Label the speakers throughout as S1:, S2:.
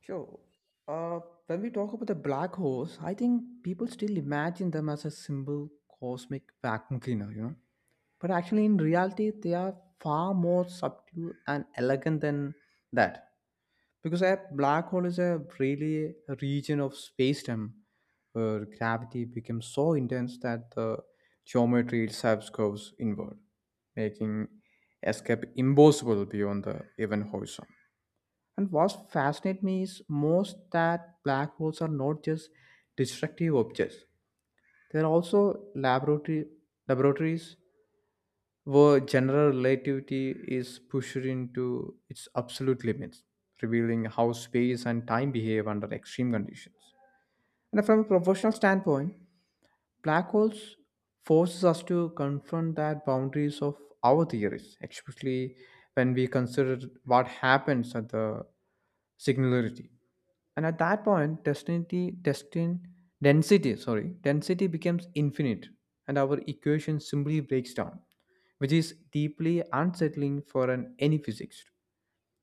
S1: Sure. Uh, when we talk about the black holes, I think people still imagine them as a simple cosmic vacuum cleaner. But actually, in reality, they are far more subtle and elegant than that. Because a black hole is a really a region of space-time where gravity becomes so intense that the geometry itself curves inward, making escape impossible beyond the event horizon. And what fascinates me is most that black holes are not just destructive objects. They're also laboratory laboratories where general relativity is pushed into its absolute limits, revealing how space and time behave under extreme conditions. And from a professional standpoint, black holes forces us to confront that boundaries of our theories, especially when we consider what happens at the singularity, and at that point density destin, density sorry density becomes infinite, and our equation simply breaks down, which is deeply unsettling for an any physicist.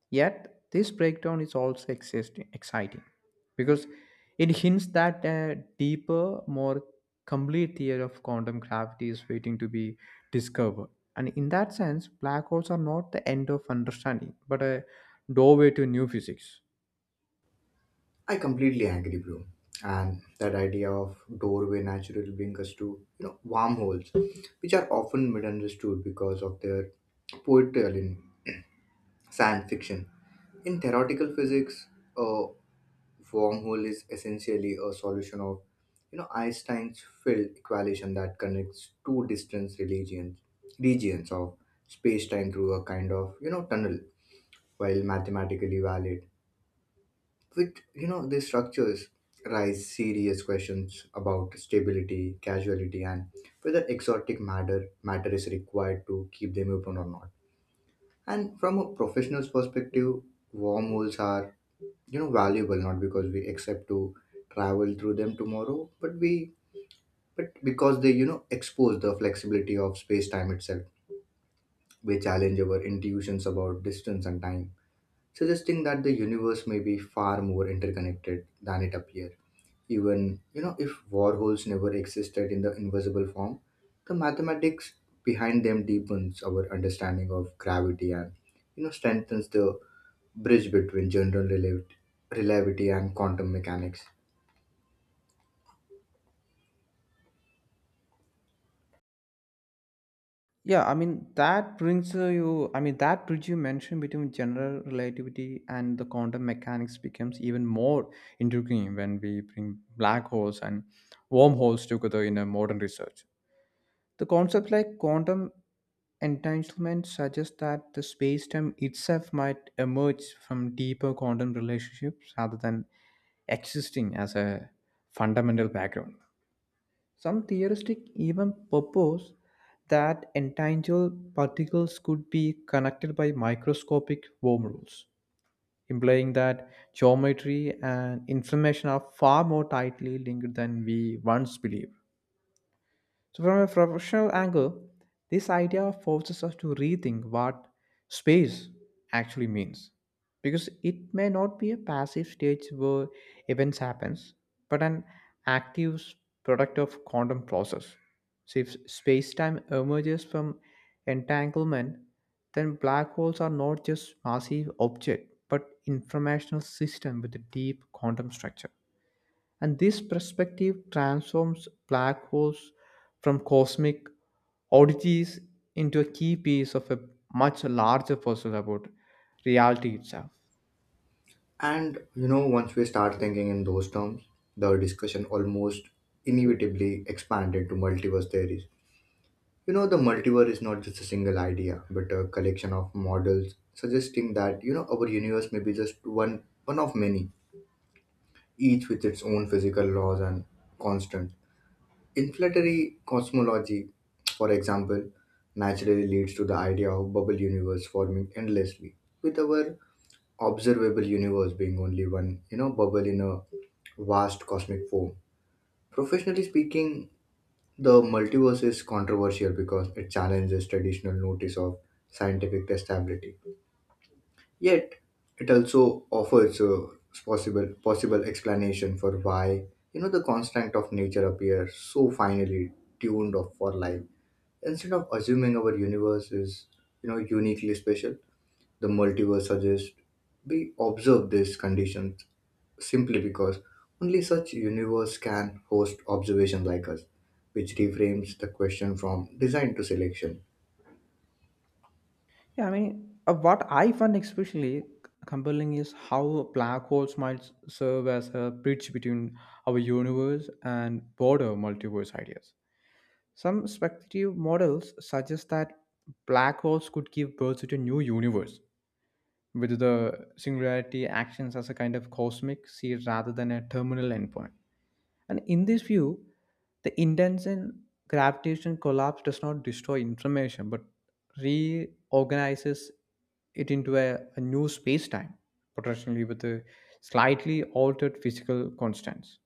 S1: Yet this breakdown is also exciting because it hints that a deeper, more complete theory of quantum gravity is waiting to be discovered. And in that sense, black holes are not the end of understanding but a doorway to new physics.
S2: I completely agree, bro. And that idea of doorway naturally brings us to wormholes, which are often misunderstood because of their portrayal in science fiction. In theoretical physics, a wormhole is essentially a solution of Einstein's field equation that connects two distant regions of space-time through a kind of tunnel, while mathematically valid with these structures rise serious questions about stability, casuality, and whether exotic matter is required to keep them open or not. And from a professional's perspective, wormholes are valuable not because we accept to travel through them tomorrow, but we but because they expose the flexibility of space-time itself. We challenge our intuitions about distance and time, suggesting that the universe may be far more interconnected than it appears. Even, if warhols never existed in the invisible form, the mathematics behind them deepens our understanding of gravity and, strengthens the bridge between general relativity and quantum mechanics.
S1: Yeah, I mean, that brings, you. I mean, that bridge you mentioned between general relativity and the quantum mechanics becomes even more intriguing when we bring black holes and wormholes together in a modern research. The concepts like quantum entanglement suggests that the space-time itself might emerge from deeper quantum relationships rather than existing as a fundamental background. Some theorists even propose that entangled particles could be connected by microscopic wormholes, implying that geometry and information are far more tightly linked than we once believed. So, from a professional angle, this idea forces us to rethink what space actually means. Because it may not be a passive stage where events happens, but an active product of quantum process. So if space-time emerges from entanglement, then black holes are not just massive object, but informational system with a deep quantum structure. And this perspective transforms black holes from cosmic oddities into a key piece of a much larger puzzle about reality itself.
S2: And, once we start thinking in those terms, the discussion almost inevitably expanded to multiverse theories. The multiverse is not just a single idea, but a collection of models suggesting that, our universe may be just one of many, each with its own physical laws and constant. Inflationary cosmology, for example, naturally leads to the idea of bubble universe forming endlessly, with our observable universe being only one, bubble in a vast cosmic form. Professionally speaking, the multiverse is controversial because it challenges traditional notice of scientific testability. Yet, it also offers a possible explanation for why the constant of nature appears so finely tuned up for life. Instead of assuming our universe is uniquely special, the multiverse suggests we observe these conditions simply because only such universe can host observation like us, which reframes the question from design to selection.
S1: Yeah, I mean, what I find especially compelling is how black holes might serve as a bridge between our universe and broader multiverse ideas. Some speculative models suggest that black holes could give birth to a new universe, with the singularity actions as a kind of cosmic seed rather than a terminal endpoint. And in this view, the intention gravitation collapse does not destroy information but reorganizes it into a new space time, potentially with a slightly altered physical constants.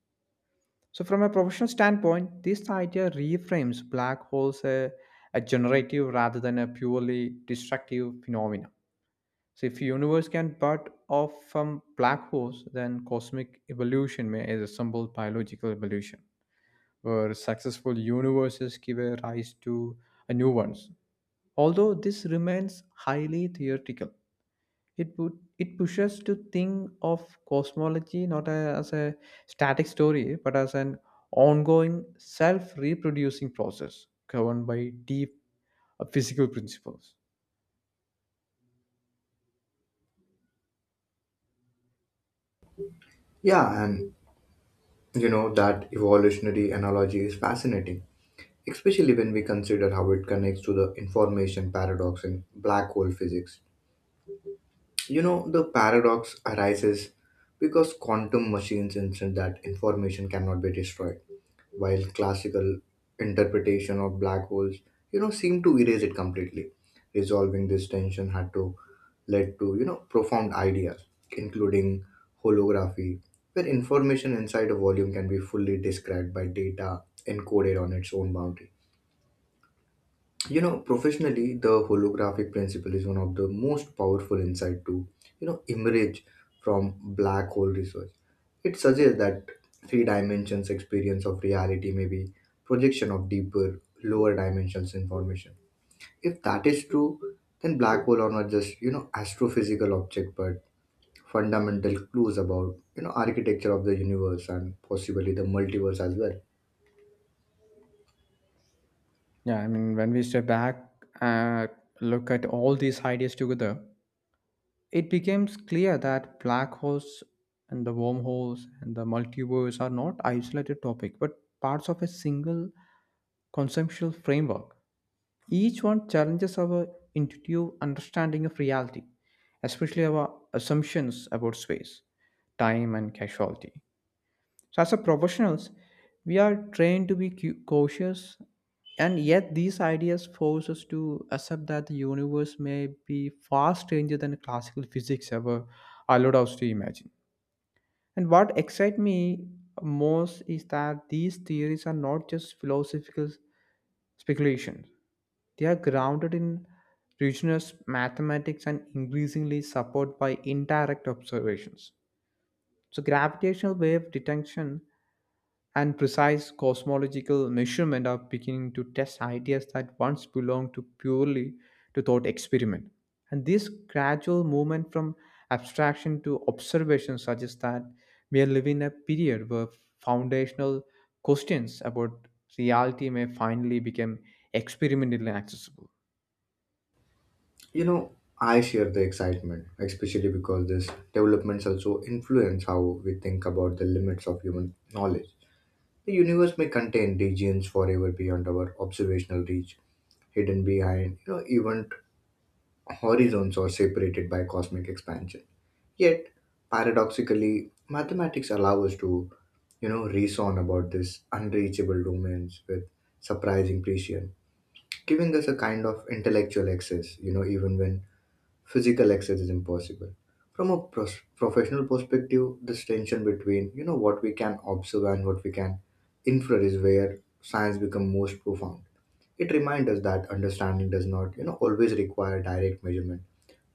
S1: So, from a professional standpoint, this idea reframes black holes a generative rather than a purely destructive phenomena. So if universe can part off from black holes, then cosmic evolution may is a simple biological evolution, where successful universes give a rise to a new ones. Although this remains highly theoretical, it put, it pushes to think of cosmology not as a static story, but as an ongoing self-reproducing process governed by deep physical principles.
S2: Yeah, and that evolutionary analogy is fascinating, especially when we consider how it connects to the information paradox in black hole physics. The paradox arises because quantum machines insist that information cannot be destroyed, while classical interpretation of black holes, seem to erase it completely. Resolving this tension had to led to, profound ideas, including holography, where information inside a volume can be fully described by data encoded on its own boundary. You know, professionally, the holographic principle is one of the most powerful insight to emerge from black hole research. It suggests that three dimensions experience of reality may be projection of deeper lower dimensions information. If that is true, then black hole are not just astrophysical object but fundamental clues about architecture of the universe and possibly the multiverse as well.
S1: Yeah, I mean, when we step back and look at all these ideas together, it becomes clear that black holes and the wormholes and the multiverse are not isolated topic, but parts of a single conceptual framework. Each one challenges our intuitive understanding of reality, especially our assumptions about space, time, and casualty. So as a professionals, we are trained to be cautious, and yet these ideas force us to accept that the universe may be far stranger than classical physics ever allowed us to imagine. And what excites me most is that these theories are not just philosophical speculations; they are grounded in rigorous mathematics and increasingly supported by indirect observations. So, gravitational wave detection and precise cosmological measurement are beginning to test ideas that once belonged to purely to thought experiment. And this gradual movement from abstraction to observation suggests that we are living a period where foundational questions about reality may finally become experimentally accessible.
S2: You know, I share the excitement, especially because these developments also influence how we think about the limits of human knowledge. The universe may contain regions forever beyond our observational reach, hidden behind, event horizons or separated by cosmic expansion. Yet, paradoxically, mathematics allow us to, reason about these unreachable domains with surprising precision, giving us a kind of intellectual access, even when physical access is impossible. From a professional perspective, this tension between what we can observe and what we can infer is where science becomes most profound. It reminds us that understanding does not always require direct measurement,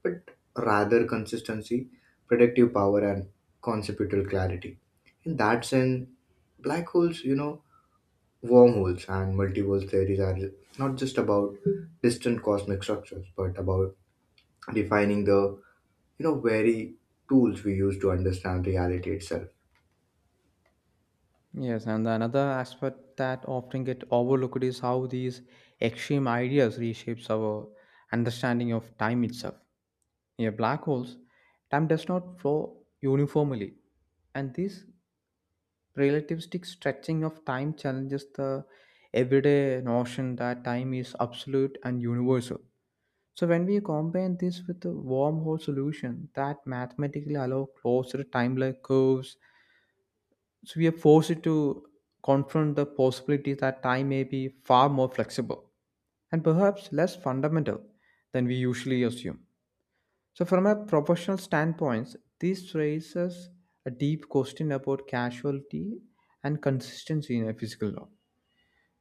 S2: but rather consistency, predictive power, and conceptual clarity. In that sense, black holes, wormholes and multiverse theories are not just about distant cosmic structures, but about defining the very tools we use to understand reality itself.
S1: Yes, and another aspect that often get overlooked is how these extreme ideas reshapes our understanding of time itself. In black holes, time does not flow uniformly, and this relativistic stretching of time challenges the everyday notion that time is absolute and universal. So when we combine this with the wormhole solution that mathematically allow closer timeline curves, so we are forced to confront the possibility that time may be far more flexible and perhaps less fundamental than we usually assume. So, from a professional standpoint, this raises a deep question about causality and consistency in a physical law.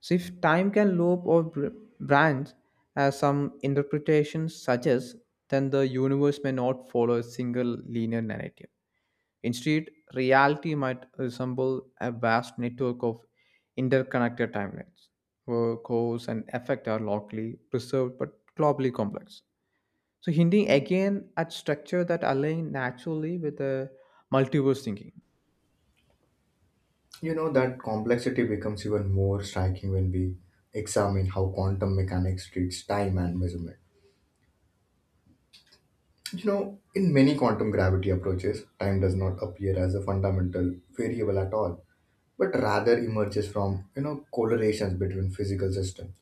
S1: So, if time can loop or branch, as some interpretations suggest, then the universe may not follow a single linear narrative. Instead, reality might resemble a vast network of interconnected timelines, where cause and effect are locally preserved but globally complex. So, hinting again at structure that align naturally with the multiverse thinking.
S2: That complexity becomes even more striking when we examine how quantum mechanics treats time and measurement. You know, in many quantum gravity approaches, time does not appear as a fundamental variable at all, but rather emerges from correlations between physical systems.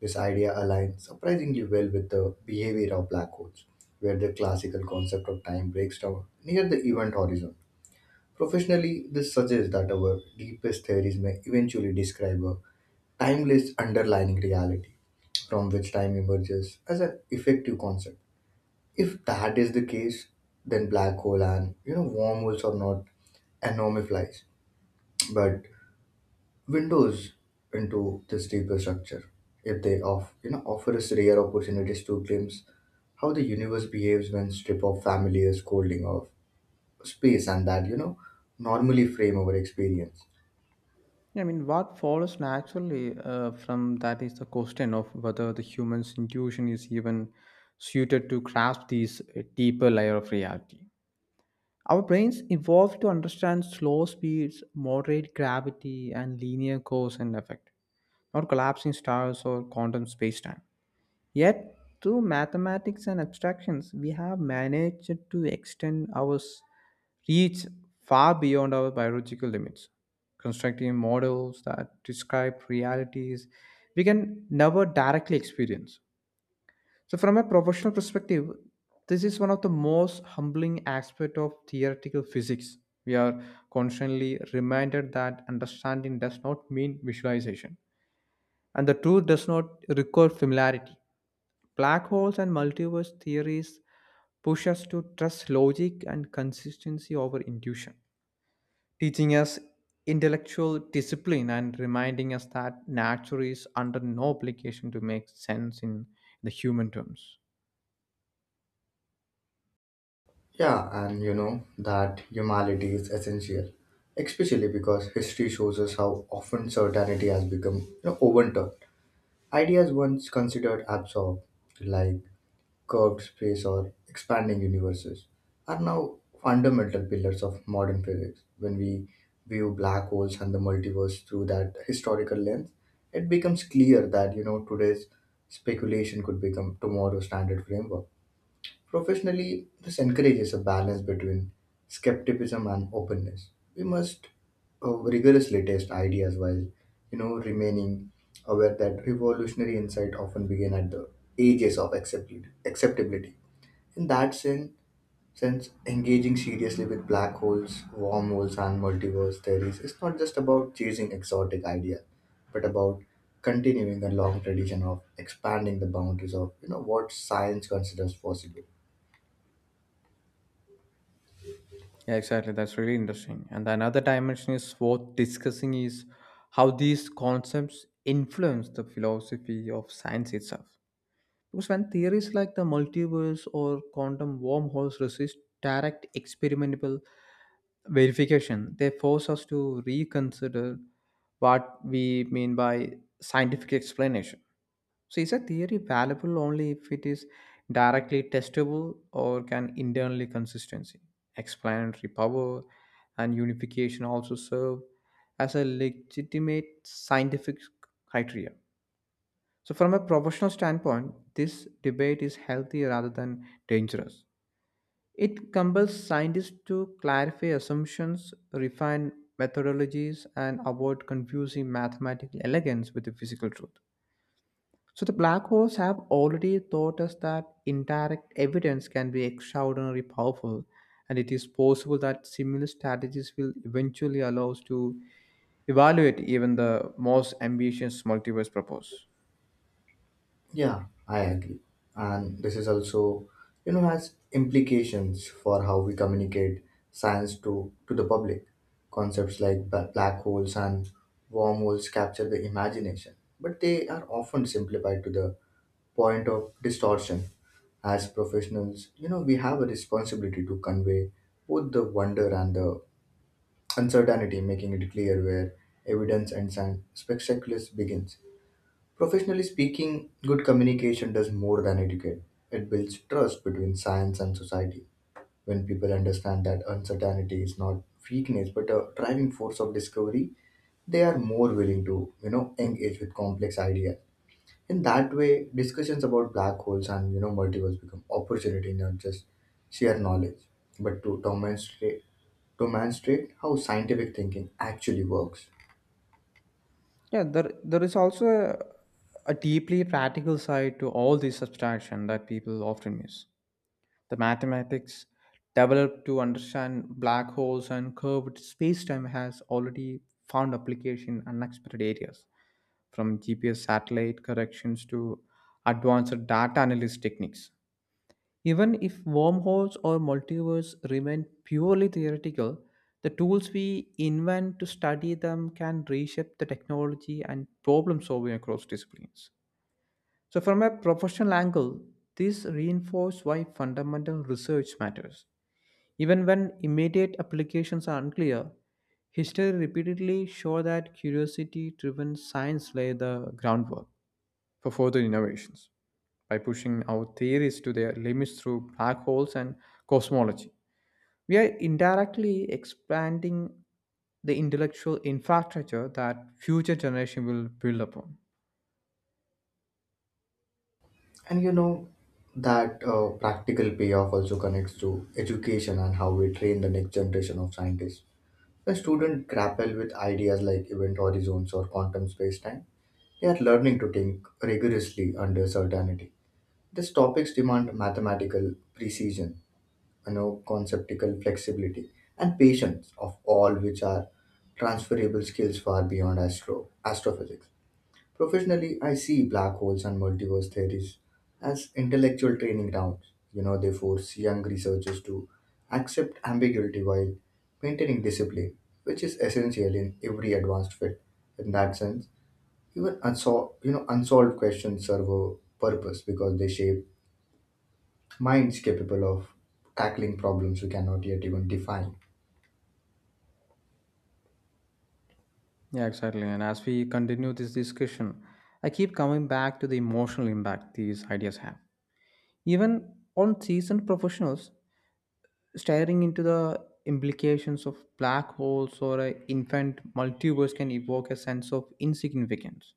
S2: This idea aligns surprisingly well with the behavior of black holes, where the classical concept of time breaks down near the event horizon. Professionally, this suggests that our deepest theories may eventually describe a timeless underlying reality from which time emerges as an effective concept. If that is the case, then black hole and wormholes are not anomalies, but windows into this deeper structure. If they offer us rare opportunities to glimpse how the universe behaves when stripped of familiar scolding of space and that normally frame our experience.
S1: I mean, what follows naturally from that is the question of whether the human's intuition is even suited to grasp these deeper layer of reality. Our brains evolved to understand slow speeds, moderate gravity, and linear cause and effect, not collapsing stars or quantum spacetime. Yet, through mathematics and abstractions, we have managed to extend our reach far beyond our biological limits, constructing models that describe realities we can never directly experience. So, from a professional perspective, this is one of the most humbling aspects of theoretical physics. We are constantly reminded that understanding does not mean visualization, and the truth does not require familiarity. Black holes and multiverse theories push us to trust logic and consistency over intuition, teaching us intellectual discipline and reminding us that nature is under no obligation to make sense in the human terms.
S2: Yeah, and that humility is essential, especially because history shows us how often certainty has become overturned. Ideas once considered absurd, like curved space or expanding universes, are now fundamental pillars of modern physics. When we view black holes and the multiverse through that historical lens, it becomes clear that today's speculation could become tomorrow's standard framework. Professionally, this encourages a balance between skepticism and openness. We must rigorously test ideas while, remaining aware that revolutionary insight often begin at the ages of acceptability. In that sense, engaging seriously with black holes, wormholes, and multiverse theories is not just about chasing exotic ideas, but about continuing a long tradition of expanding the boundaries of what science considers possible.
S1: Yeah, exactly. That's really interesting. And another dimension is worth discussing is how these concepts influence the philosophy of science itself. Because when theories like the multiverse or quantum wormholes resist direct experimental verification, they force us to reconsider what we mean by scientific explanation. So is a theory valuable only if it is directly testable, or can internally consistency, explanatory power, and unification also serve as a legitimate scientific criteria. So from a professional standpoint, this debate is healthy rather than dangerous. It compels scientists to clarify assumptions, refine methodologies, and avoid confusing mathematical elegance with the physical truth. So the black holes have already taught us that indirect evidence can be extraordinarily powerful, and it is possible that similar strategies will eventually allow us to evaluate even the most ambitious multiverse propose.
S2: Yeah, I agree. And this is also, has implications for how we communicate science to the public. Concepts like black holes and wormholes capture the imagination, but they are often simplified to the point of distortion. As professionals, we have a responsibility to convey both the wonder and the uncertainty, making it clear where evidence and science spectaculars begins. Professionally speaking, good communication does more than educate. It builds trust between science and society. When people understand that uncertainty is not weakness but a driving force of discovery, they are more willing to, engage with complex ideas. In that way, discussions about black holes and multiverse become opportunity, not just sheer knowledge, but to demonstrate how scientific thinking actually works.
S1: Yeah, there is also a deeply practical side to all this abstraction that people often miss. The mathematics developed to understand black holes and curved spacetime has already found application in unexpected areas, from GPS satellite corrections to advanced data analysis techniques. Even if wormholes or multiverse remain purely theoretical, the tools we invent to study them can reshape the technology and problem solving across disciplines. So, from a professional angle, this reinforces why fundamental research matters. Even when immediate applications are unclear, history repeatedly shows that curiosity driven science lay the groundwork for further innovations by pushing our theories to their limits through black holes and cosmology. We are indirectly expanding the intellectual infrastructure that future generations will build upon.
S2: And that practical payoff also connects to education and how we train the next generation of scientists. When students grapple with ideas like event horizons or quantum space-time, they are learning to think rigorously under certainty. These topics demand mathematical precision, conceptual flexibility, and patience, of all which are transferable skills far beyond astrophysics. Professionally, I see black holes and multiverse theories as intellectual training grounds. They force young researchers to accept ambiguity while maintaining discipline, which is essential in every advanced field. In that sense, even unsolved questions serve a purpose because they shape minds capable of tackling problems we cannot yet even define.
S1: Yeah, exactly. And as we continue this discussion, I keep coming back to the emotional impact these ideas have. Even on seasoned professionals, staring into the implications of black holes or an infant multiverse can evoke a sense of insignificance,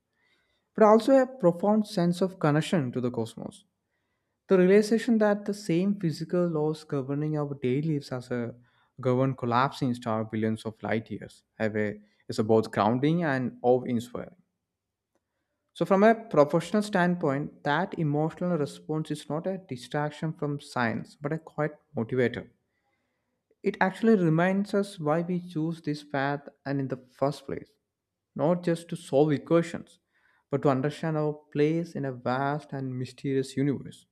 S1: but also a profound sense of connection to the cosmos. The realization that the same physical laws governing our daily lives as a govern collapsing star billions of light years is both grounding and awe-inspiring. So, from a professional standpoint, that emotional response is not a distraction from science, but a quite motivator. It actually reminds us why we choose this path and in the first place, not just to solve equations, but to understand our place in a vast and mysterious universe.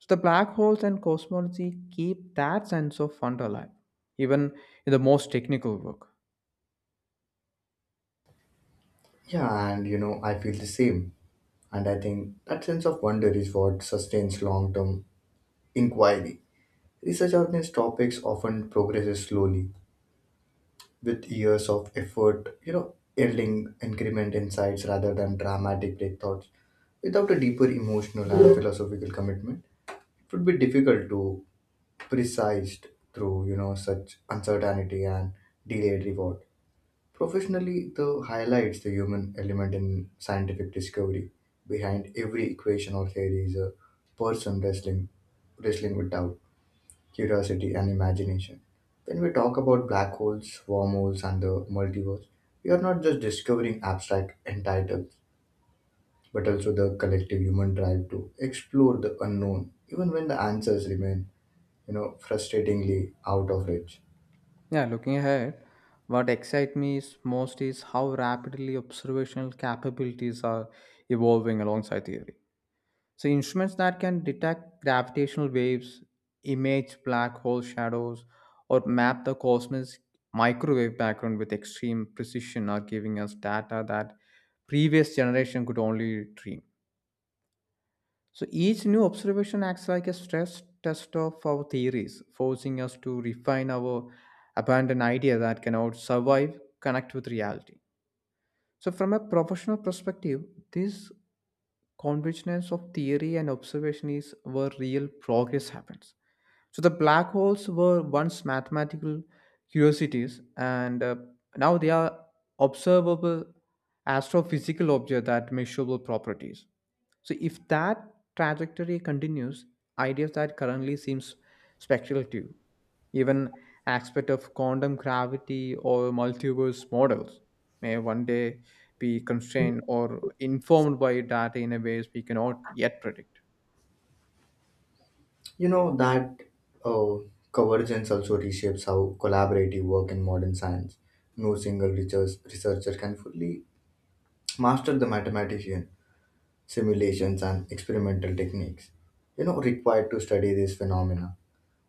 S1: So, the black holes and cosmology keep that sense of wonder alive, even in the most technical work.
S2: Yeah, and I feel the same. And I think that sense of wonder is what sustains long term inquiry. Research on these topics often progresses slowly, with years of effort, yielding increment insights rather than dramatic breakthroughs. Without a deeper emotional and philosophical commitment, it would be difficult to precise through, such uncertainty and delayed reward. Professionally, the highlights the human element in scientific discovery. Behind every equation or theory is a person wrestling with doubt, curiosity, and imagination. When we talk about black holes, wormholes, and the multiverse, we are not just discovering abstract entitles, but also the collective human drive to explore the unknown, even when the answers remain, frustratingly out of reach.
S1: Yeah, looking ahead, what excites me is most is how rapidly observational capabilities are evolving alongside theory. So, instruments that can detect gravitational waves, image black hole shadows, or map the cosmos microwave background with extreme precision are giving us data that previous generation could only dream. So each new observation acts like a stress test of our theories, forcing us to refine our abandoned idea that can out survive, connect with reality. So from a professional perspective, this convergence of theory and observation is where real progress happens. So the black holes were once mathematical curiosities, and now they are observable astrophysical objects that measurable properties. So if that trajectory continues, ideas that currently seems speculative, even aspect of quantum gravity or multiverse models may one day be constrained or informed by data in a ways we cannot yet predict.
S2: That uh, convergence also reshapes how collaborative work in modern science. No single researcher can fully master the mathematics simulations, and experimental techniques required to study these phenomena.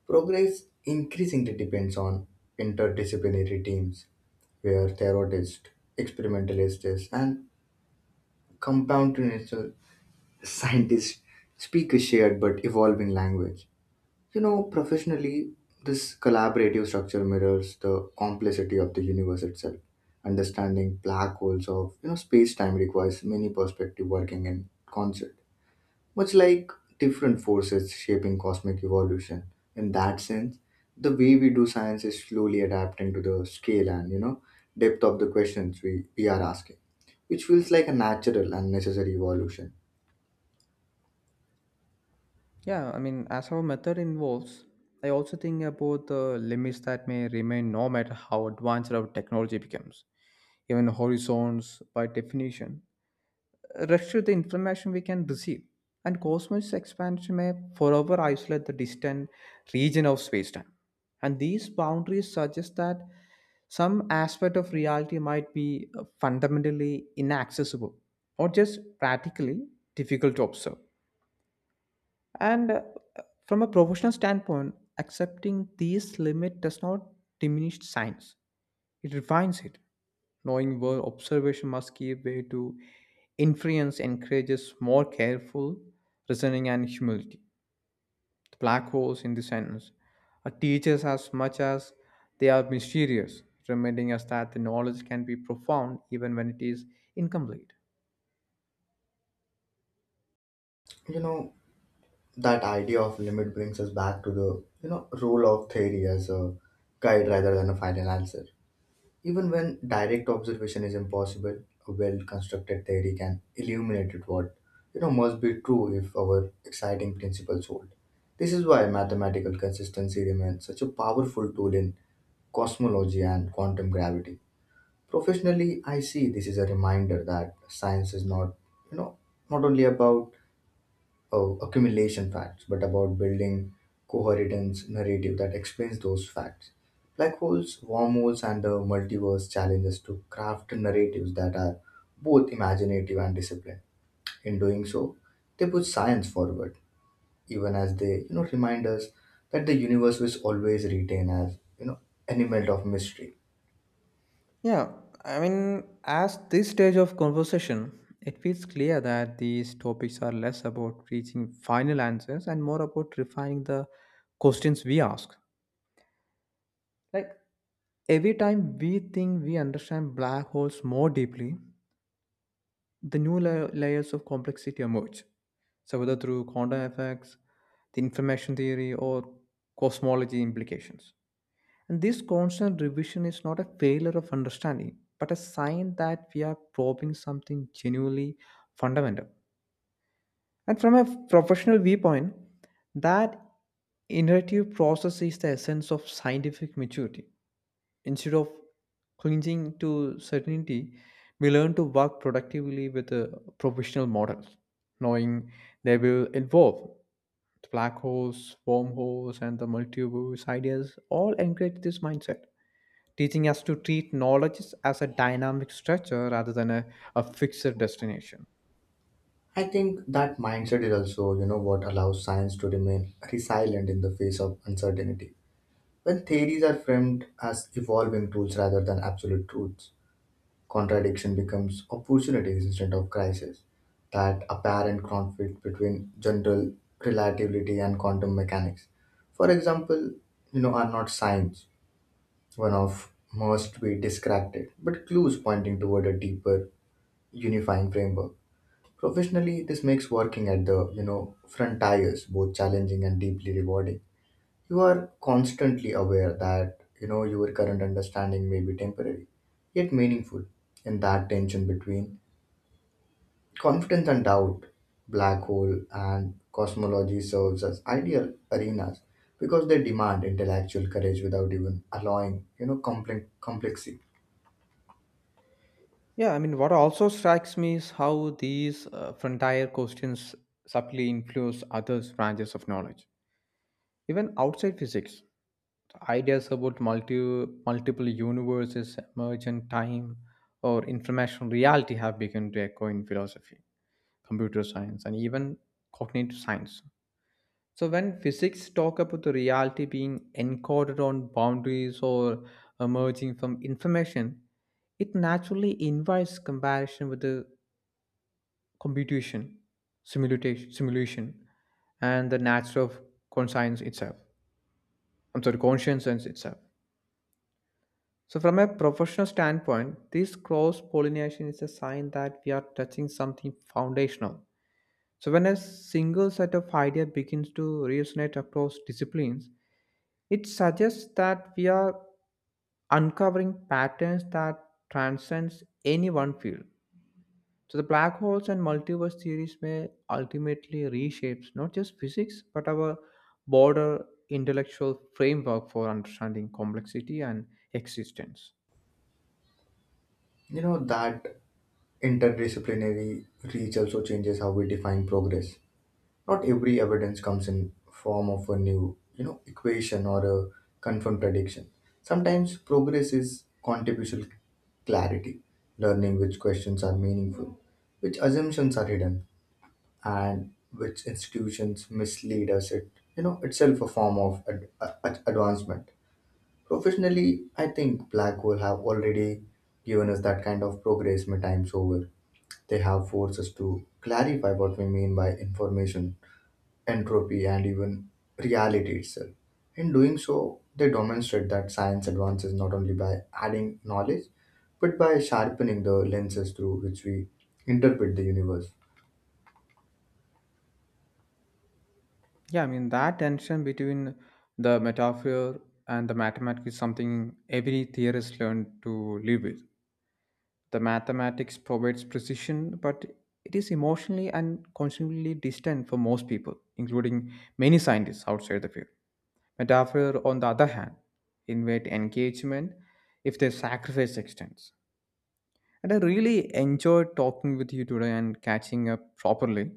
S2: Progress increasingly depends on interdisciplinary teams where theorists, experimentalists, and computational scientists speak a shared but evolving language. You know, professionally, this collaborative structure mirrors the complexity of the universe itself. Understanding black holes of space-time requires many perspectives working in concert, much like different forces shaping cosmic evolution. In that sense, the way we do science is slowly adapting to the scale and depth of the questions we are asking, which feels like a natural and necessary evolution.
S1: Yeah, I mean, as our method involves, I also think about the limits that may remain no matter how advanced our technology becomes. Even horizons, by definition, restrict the information we can receive, and cosmos expansion may forever isolate the distant region of space-time. And these boundaries suggest that some aspect of reality might be fundamentally inaccessible or just practically difficult to observe. And from a professional standpoint, accepting these limits does not diminish science, it refines it. Knowing where observation must give way to inference encourages more careful reasoning and humility. The black holes in this sentence are teachers as much as they are mysterious, reminding us that the knowledge can be profound even when it is incomplete.
S2: You know that idea of limit brings us back to the role of theory as a guide rather than a final answer. Even when direct observation is impossible, a well-constructed theory can illuminate it what must be true if our exciting principles hold. This is why mathematical consistency remains such a powerful tool in cosmology and quantum gravity. Professionally, I see this is a reminder that science is not you know not only about of accumulation facts, but about building coherent narrative that explains those facts. Black holes, wormholes, and the multiverse challenge us to craft narratives that are both imaginative and disciplined. In doing so, they push science forward, even as they, remind us that the universe was always retained as, element of mystery.
S1: Yeah, I mean, as this stage of conversation, it feels clear that these topics are less about reaching final answers and more about refining the questions we ask. Like every time we think we understand black holes more deeply, the new layers of complexity emerge. So, whether through quantum effects, the information theory, or cosmology implications. And this constant revision is not a failure of understanding, but a sign that we are probing something genuinely fundamental. And from a professional viewpoint, that iterative process is the essence of scientific maturity. Instead of clinging to certainty, we learn to work productively with professional models, knowing they will evolve. Black holes, wormholes, and the multiverse ideas all encourage this mindset, teaching us to treat knowledge as a dynamic structure rather than a fixed destination.
S2: I think that mindset is also, what allows science to remain resilient in the face of uncertainty. When theories are framed as evolving tools rather than absolute truths, contradiction becomes opportunities instead of crisis. That apparent conflict between general relativity and quantum mechanics, for example, are not signs. One of must be discredited, but clues pointing toward a deeper unifying framework. Professionally, this makes working at the frontiers both challenging and deeply rewarding. You are constantly aware that your current understanding may be temporary, yet meaningful in that tension between confidence and doubt. Black hole and cosmology serves as ideal arenas because they demand intellectual courage without even allowing complexity.
S1: Yeah, I mean, what also strikes me is how these frontier questions subtly influence other branches of knowledge. Even outside physics, ideas about multiple universes, emergent time, or information reality have begun to echo in philosophy, computer science, and even cognitive science. So when physics talk about the reality being encoded on boundaries or emerging from information, it naturally invites comparison with the computation, simulation, and the nature of conscience itself. I'm sorry, consciousness itself. So from a professional standpoint, this cross-pollination is a sign that we are touching something foundational. So when a single set of idea begins to resonate across disciplines, it suggests that we are uncovering patterns that transcends any one field. So the black holes and multiverse theories may ultimately reshape not just physics but our broader intellectual framework for understanding complexity and existence.
S2: That interdisciplinary reach also changes how we define progress. Not every evidence comes in form of a new equation or a confirmed prediction. Sometimes progress is contributional clarity, learning which questions are meaningful, which assumptions are hidden, and which institutions mislead us. It itself a form of advancement. Professionally, I think black hole have already given us that kind of progress many times over. They have forced us to clarify what we mean by information, entropy, and even reality itself. In doing so, they demonstrate that science advances not only by adding knowledge, but by sharpening the lenses through which we interpret the universe.
S1: Yeah, I mean, that tension between the metaphor and the mathematics is something every theorist learned to live with. The mathematics provides precision, but it is emotionally and constantly distant for most people, including many scientists outside the field. Metaphor, on the other hand, invite engagement if they sacrifice extents. And I really enjoyed talking with you today and catching up properly.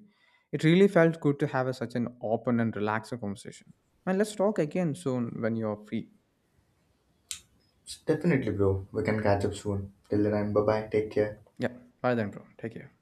S1: It really felt good to have such an open and relaxed conversation. And let's talk again soon when you're free.
S2: Definitely, bro. We can catch up soon. Till then, bye bye. Take care.
S1: Yeah, bye then, bro. Take care.